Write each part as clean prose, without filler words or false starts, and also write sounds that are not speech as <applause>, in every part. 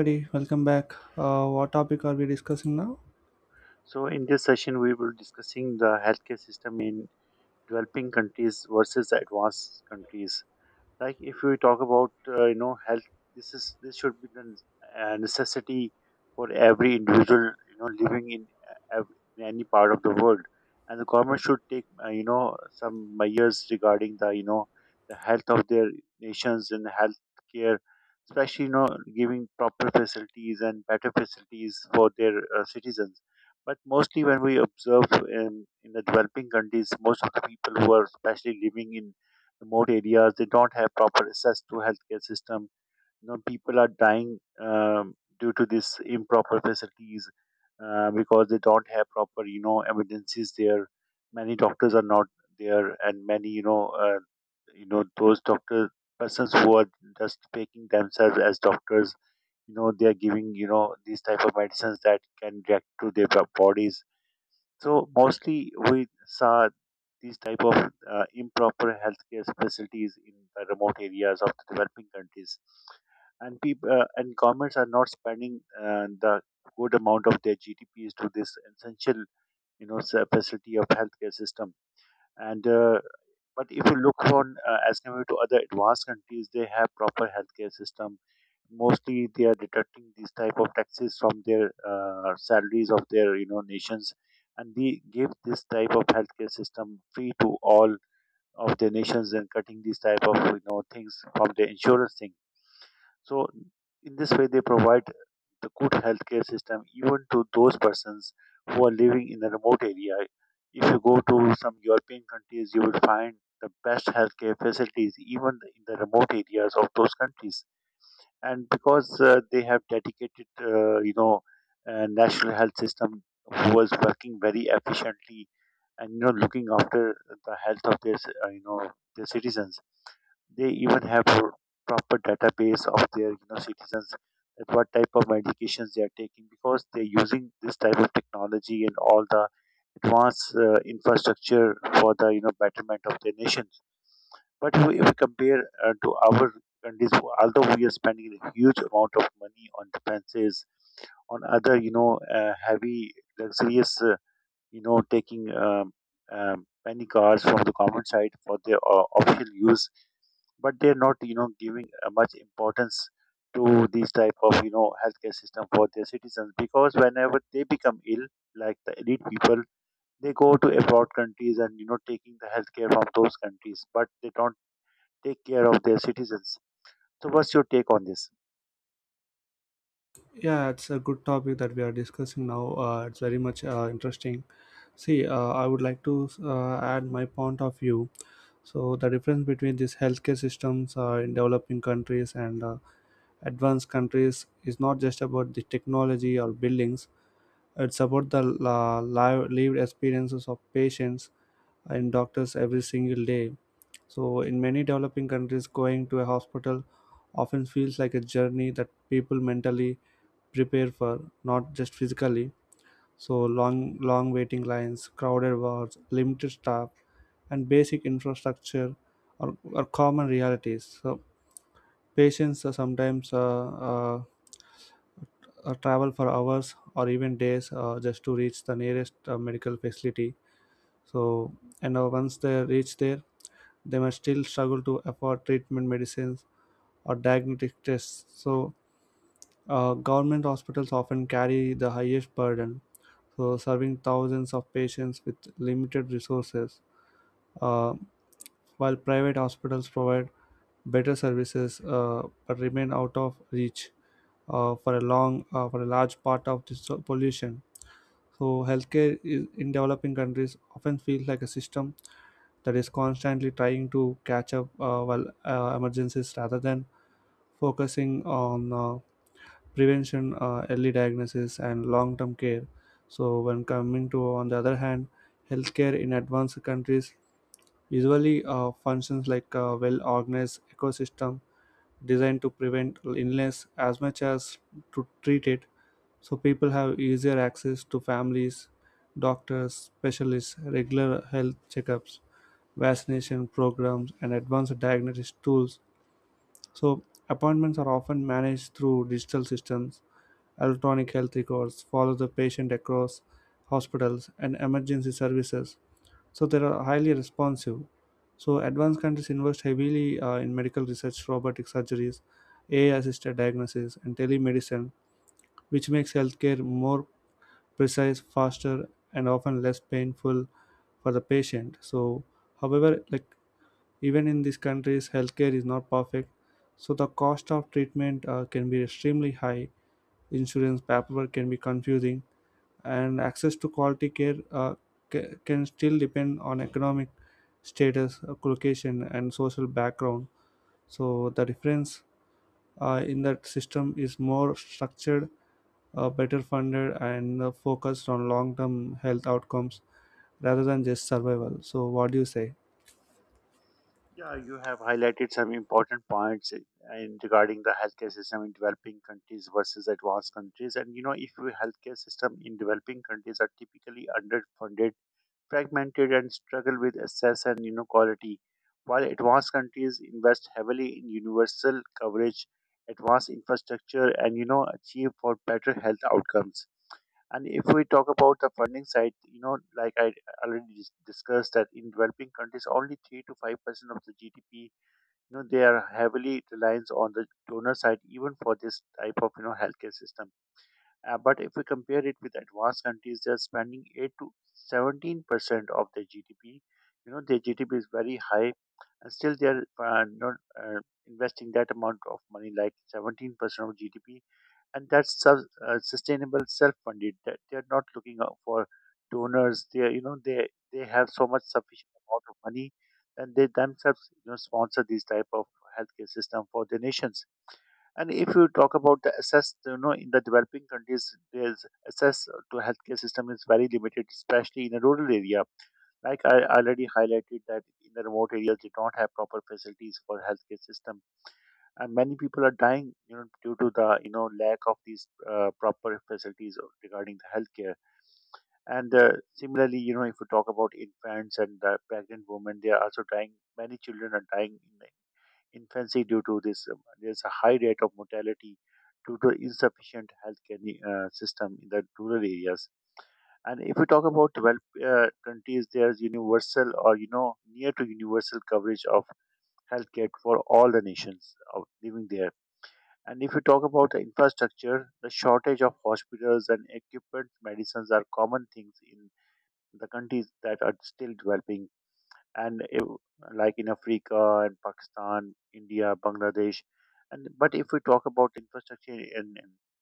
Everybody, welcome back. What topic are we discussing now? So, in this session, we will discussing the healthcare system in developing countries versus advanced countries. Like if we talk about you know health, this should be the necessity for every individual you know living in, in any part of the world, and the government should take you know some measures regarding the you know the health of their nations and health care, especially you know giving proper facilities and better facilities for their citizens. But mostly when we observe in the developing countries, most of the people who are especially living in remote areas. They don't have proper access to healthcare system. You know, people are dying due to these improper facilities because they don't have proper, you know, evidences there. Many doctors are not there, and many, you know, those doctor persons who are just faking themselves as doctors. You know, they are giving, you know, these type of medicines that can react to their bodies, so mostly we saw these type of improper healthcare facilities in the remote areas of the developing countries, and people and governments are not spending the good amount of their GDPs to this essential, you know, facility of healthcare system. And but if you look on as compared to other advanced countries, they have proper healthcare system. Mostly, they are deducting these type of taxes from their salaries of their you know nations, and they give this type of healthcare system free to all of their nations and cutting these type of you know things from their insurance thing. So in this way, they provide the good healthcare system even to those persons who are living in a remote area. If you go to some European countries, you will find the best healthcare facilities even in the remote areas of those countries. And because they have dedicated national health system who was working very efficiently and you know looking after the health of their, ci- you know, their citizens. They even have a proper database of their you know citizens, that what type of medications they are taking because they're using this type of technology and all the advanced infrastructure for the you know betterment of their nations. But if we compare to our countries, although we are spending a huge amount of money on defenses, on other you know heavy luxurious, taking penny cars from the common side for their official use, but they're not, you know, giving much importance to these type of, you know, healthcare system for their citizens because whenever they become ill, like the elite people, they go to abroad countries and, you know, taking the healthcare from those countries, but they don't take care of their citizens. So what's your take on this? Yeah, it's a good topic that we are discussing now. It's very much interesting. See, I would like to add my point of view. So, the difference between these healthcare systems in developing countries and advanced countries is not just about the technology or buildings, it's about the lived experiences of patients and doctors every single day. So, in many developing countries, going to a hospital often feels like a journey that people mentally prepare for, not just physically. So, long, long waiting lines, crowded wards, limited staff, and basic infrastructure are common realities. So, patients are sometimes travel for hours or even days just to reach the nearest medical facility. So, and once they reach there, they might still struggle to afford treatment medicines or diagnostic tests. So, government hospitals often carry the highest burden, so serving thousands of patients with limited resources, uh, while private hospitals provide better services but remain out of reach for a large part of this pollution. So healthcare is, in developing countries often feels like a system that is constantly trying to catch up while emergencies rather than focusing on prevention, early diagnosis, and long-term care. So, when coming to, on the other hand, healthcare in advanced countries usually functions like a well-organized ecosystem designed to prevent illness as much as to treat it. So people have easier access to families, doctors, specialists, regular health checkups, vaccination programs, and advanced diagnosis tools. So appointments are often managed through digital systems. Electronic health records follow the patient across hospitals and emergency services, so they are highly responsive. So advanced countries invest heavily in medical research, robotic surgeries, AI assisted diagnosis, and telemedicine, which makes healthcare more precise, faster, and often less painful for the patient. So however, like, even in these countries healthcare is not perfect. So the cost of treatment can be extremely high, insurance paperwork can be confusing, and access to quality care can still depend on economic status, location, and social background. So the difference in that system is more structured, better funded, and focused on long-term health outcomes rather than just survival. So what do you say? Yeah, you have highlighted some important points in regarding the healthcare system in developing countries versus advanced countries. And you know, if your healthcare system in developing countries are typically underfunded, fragmented, and struggle with access and you know quality, while advanced countries invest heavily in universal coverage, advanced infrastructure, and you know achieve for better health outcomes. And if we talk about the funding side, you know, like I already discussed, that in developing countries, only 3 to 5% of the GDP, you know they are heavily reliant on the donor side even for this type of you know healthcare system. But if we compare it with advanced countries, they are spending 8 to 17% of their GDP. You know their GDP is very high, and still they are not uh, investing that amount of money, like 17% of GDP, and that's sustainable self-funded, that they are not looking out for donors. They are, you know, they have so much sufficient amount of money, and they themselves you know sponsor these type of healthcare system for the nations. And if you talk about the access, you know in the developing countries there's access to healthcare system is very limited, especially in a rural area. Like I already highlighted that in the remote areas they don't have proper facilities for healthcare system, and many people are dying you know due to the you know lack of these proper facilities regarding the healthcare. And similarly you know if we talk about infants and the pregnant women, they are also dying. Many children are dying in infancy due to this there's a high rate of mortality due to insufficient healthcare system in the rural areas. And if we talk about developed countries, there's universal or you know near to universal coverage of healthcare for all the nations of living there. And if you talk about the infrastructure, the shortage of hospitals and equipment, medicines are common things in the countries that are still developing. And if, like in Africa and Pakistan, India, Bangladesh, and but if we talk about infrastructure in,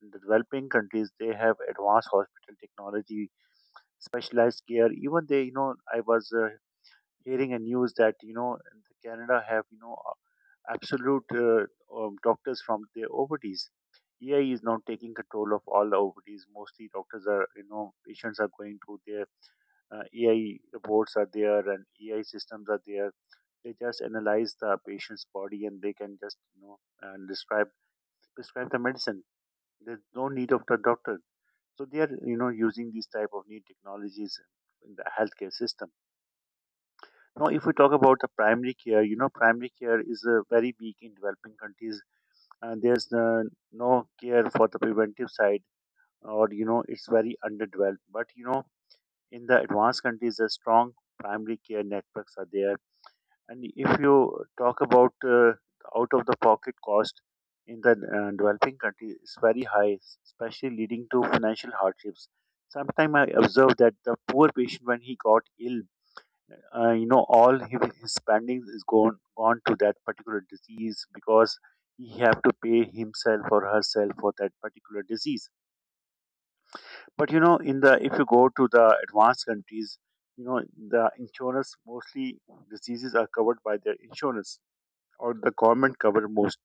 in the developing countries, they have advanced hospital technology, specialized care. Even they, you know, I was hearing a news that you know the Canada have you know absolute doctors from their OPDs. AI is now taking control of all the OPDs. Mostly doctors are, you know, patients are going to their AI reports are there and AI systems are there. They just analyze the patient's body and they can just, you know, and describe prescribe the medicine. There's no need of the doctor. So they are, you know, using these type of new technologies in the healthcare system. Now, if we talk about the primary care, you know, primary care is very weak in developing countries. There's no care for the preventive side, or you know, it's very underdeveloped. But you know, in the advanced countries, the strong primary care networks are there. And if you talk about out of the pocket cost in the developing countries, it's very high, especially leading to financial hardships. Sometimes I observe that the poor patient, when he got ill, you know all his spendings is gone to that particular disease because he have to pay himself or herself for that particular disease. But you know in the if you go to the advanced countries, you know the insurance, mostly diseases are covered by their insurance or the government cover most,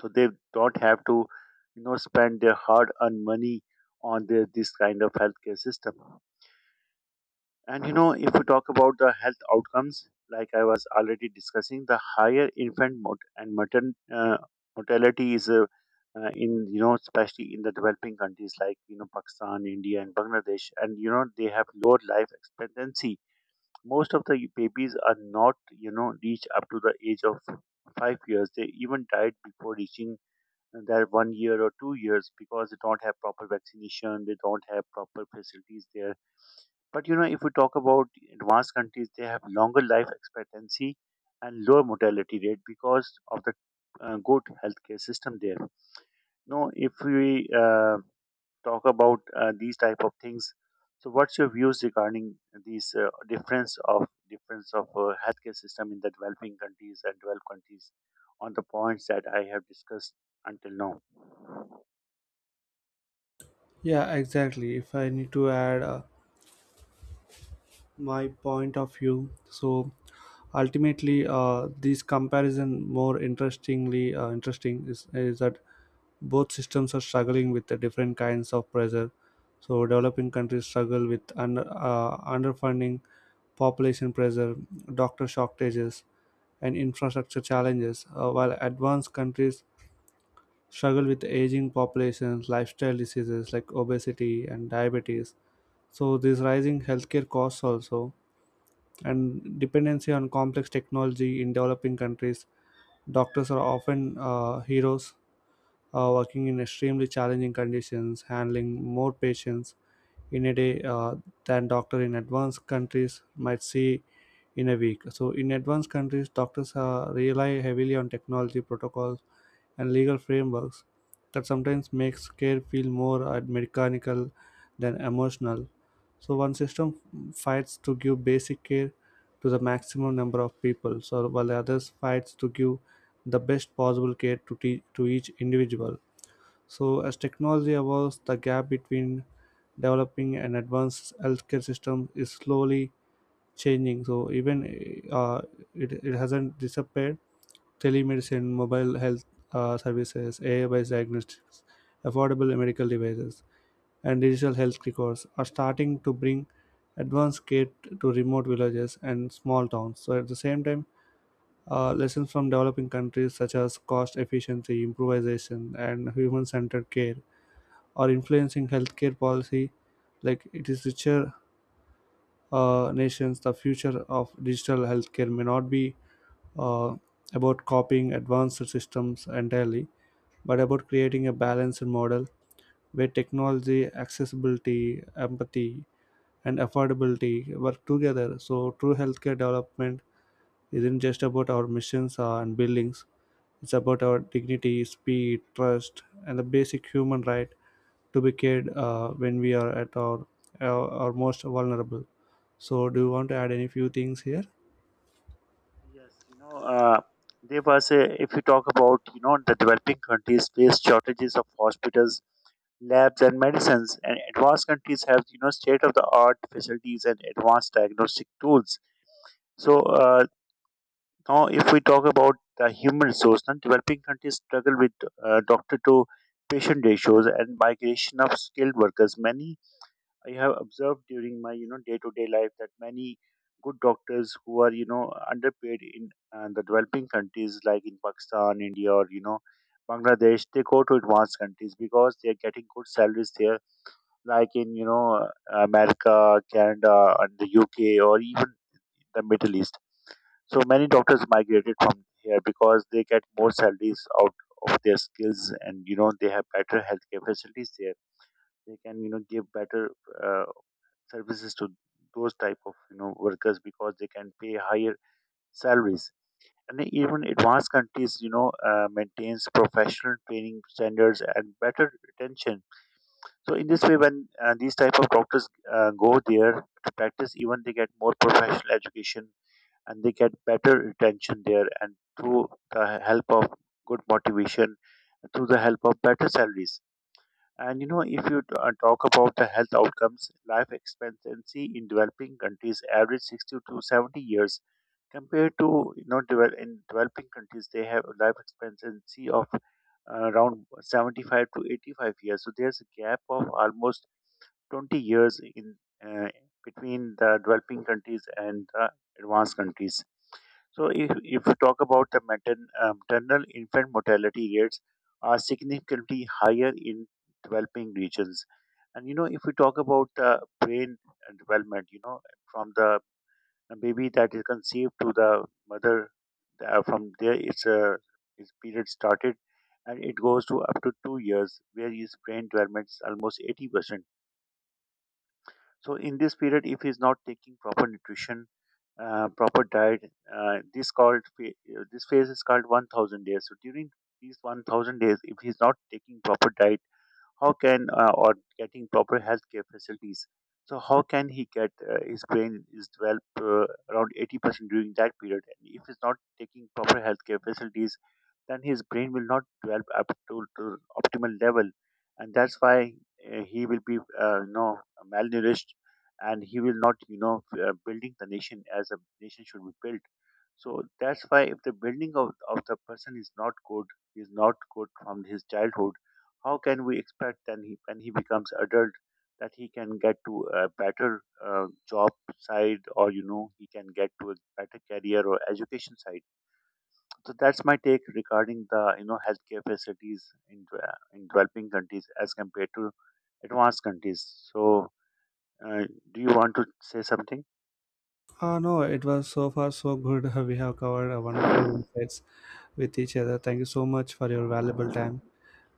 so they don't have to you know spend their hard earned money on their this kind of healthcare system. And you know, if we talk about the health outcomes, like I was already discussing, the higher infant mort- and matern- mortality is in you know, especially in the developing countries like you know Pakistan, India, and Bangladesh, and you know they have lower life expectancy. Most of the babies are not you know reach up to the age of 5 years. They even died before reaching their one year or 2 years because they don't have proper vaccination. They don't have proper facilities there. But you know, if we talk about advanced countries, they have longer life expectancy and lower mortality rate because of the good healthcare system there. No, if we talk about these type of things, so what's your views regarding these difference of healthcare system in the developing countries and developed countries on the points that I have discussed until now? Yeah, exactly. If I need to add. My point of view, so ultimately this comparison more interesting is that both systems are struggling with the different kinds of pressure. So developing countries struggle with underfunding, population pressure, doctor shortages, and infrastructure challenges, while advanced countries struggle with aging populations, lifestyle diseases like obesity and diabetes, so these rising healthcare costs also, and dependency on complex technology. In developing countries, doctors are often heroes working in extremely challenging conditions, handling more patients in a day than doctor in advanced countries might see in a week. So in advanced countries, doctors rely heavily on technology, protocols, and legal frameworks that sometimes makes care feel more mechanical than emotional. So one system fights to give basic care to the maximum number of people, so while the others fights to give the best possible care to each individual. So, as technology evolves, the gap between developing and advanced healthcare system is slowly changing. So, even it hasn't disappeared. Telemedicine, mobile health services, AI based diagnostics, affordable medical devices, and digital health records are starting to bring advanced care to remote villages and small towns. So, at the same time, lessons from developing countries such as cost efficiency, improvisation, and human centered care or influencing healthcare policy like it is richer nations, the future of digital healthcare may not be uh, about copying advanced systems entirely, but about creating a balanced model where technology, accessibility, empathy, and affordability work together. So true healthcare development isn't just about our missions and buildings. It's about our dignity, speed, trust, and the basic human right to be cared when we are at our most vulnerable. So, do you want to add any few things here? Yes, you know, if you talk about, you know, the developing countries face shortages of hospitals, labs, and medicines, and advanced countries have, you know, state of the art facilities and advanced diagnostic tools. So, now if we talk about the human resource, then developing countries struggle with doctor to patient ratios and migration of skilled workers. Many I have observed during my you know day to day life that many good doctors who are you know underpaid in the developing countries like in Pakistan, India, or you know Bangladesh, they go to advanced countries because they are getting good salaries there, like in you know America, Canada, and the UK, or even the Middle East. So many doctors migrated from here because they get more salaries out of their skills, and you know they have better healthcare facilities there. They can you know give better uh, services to those type of you know workers because they can pay higher salaries. And even advanced countries you know maintains professional training standards and better retention, so in this way when these type of doctors go there to practice, even they get more professional education and they get better retention there, and through the help of good motivation, through the help of better salaries. And you know, if you talk about the health outcomes, life expectancy in developing countries average 60 to 70 years, compared to you know in developing countries they have a life expectancy of around 75 to 85 years. So there's a gap of almost 20 years in uh, between the developing countries and the advanced countries. So, if you talk about the maternal infant mortality rates are significantly higher in developing regions. And you know, if we talk about the brain development, you know, from the baby that is conceived to the mother, from there it's a its period started, and it goes to up to 2 years, where his brain development is almost 80%. So in this period if he's not taking proper nutrition, proper diet, this called this phase is called 1000 days. So during these 1000 days if he's not taking proper diet, how can or getting proper healthcare facilities. So how can he get his brain is developed around 80% during that period? And if he's not taking proper healthcare facilities, then his brain will not develop up to optimal level, and that's why he will be you know malnourished, and he will not you know building the nation as a nation should be built. So that's why if the building of the person is not good from his childhood, how can we expect then he, when he becomes adult, that he can get to a better job side or you know he can get to a better career or education side. So that's my take regarding the you know healthcare facilities in in developing countries as compared to advanced countries. So uh, do you want to say something? No, it was so far so good. <laughs> We have covered a wonderful thank, insights with each other. Thank you so much for your valuable time.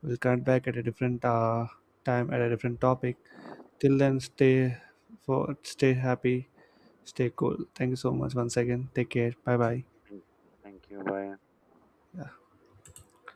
We'll connect back at a different time at a different topic. Till then, stay for stay happy, stay cool. Thank you so much once again. Take care. Bye bye. thank, Thank you. Bye.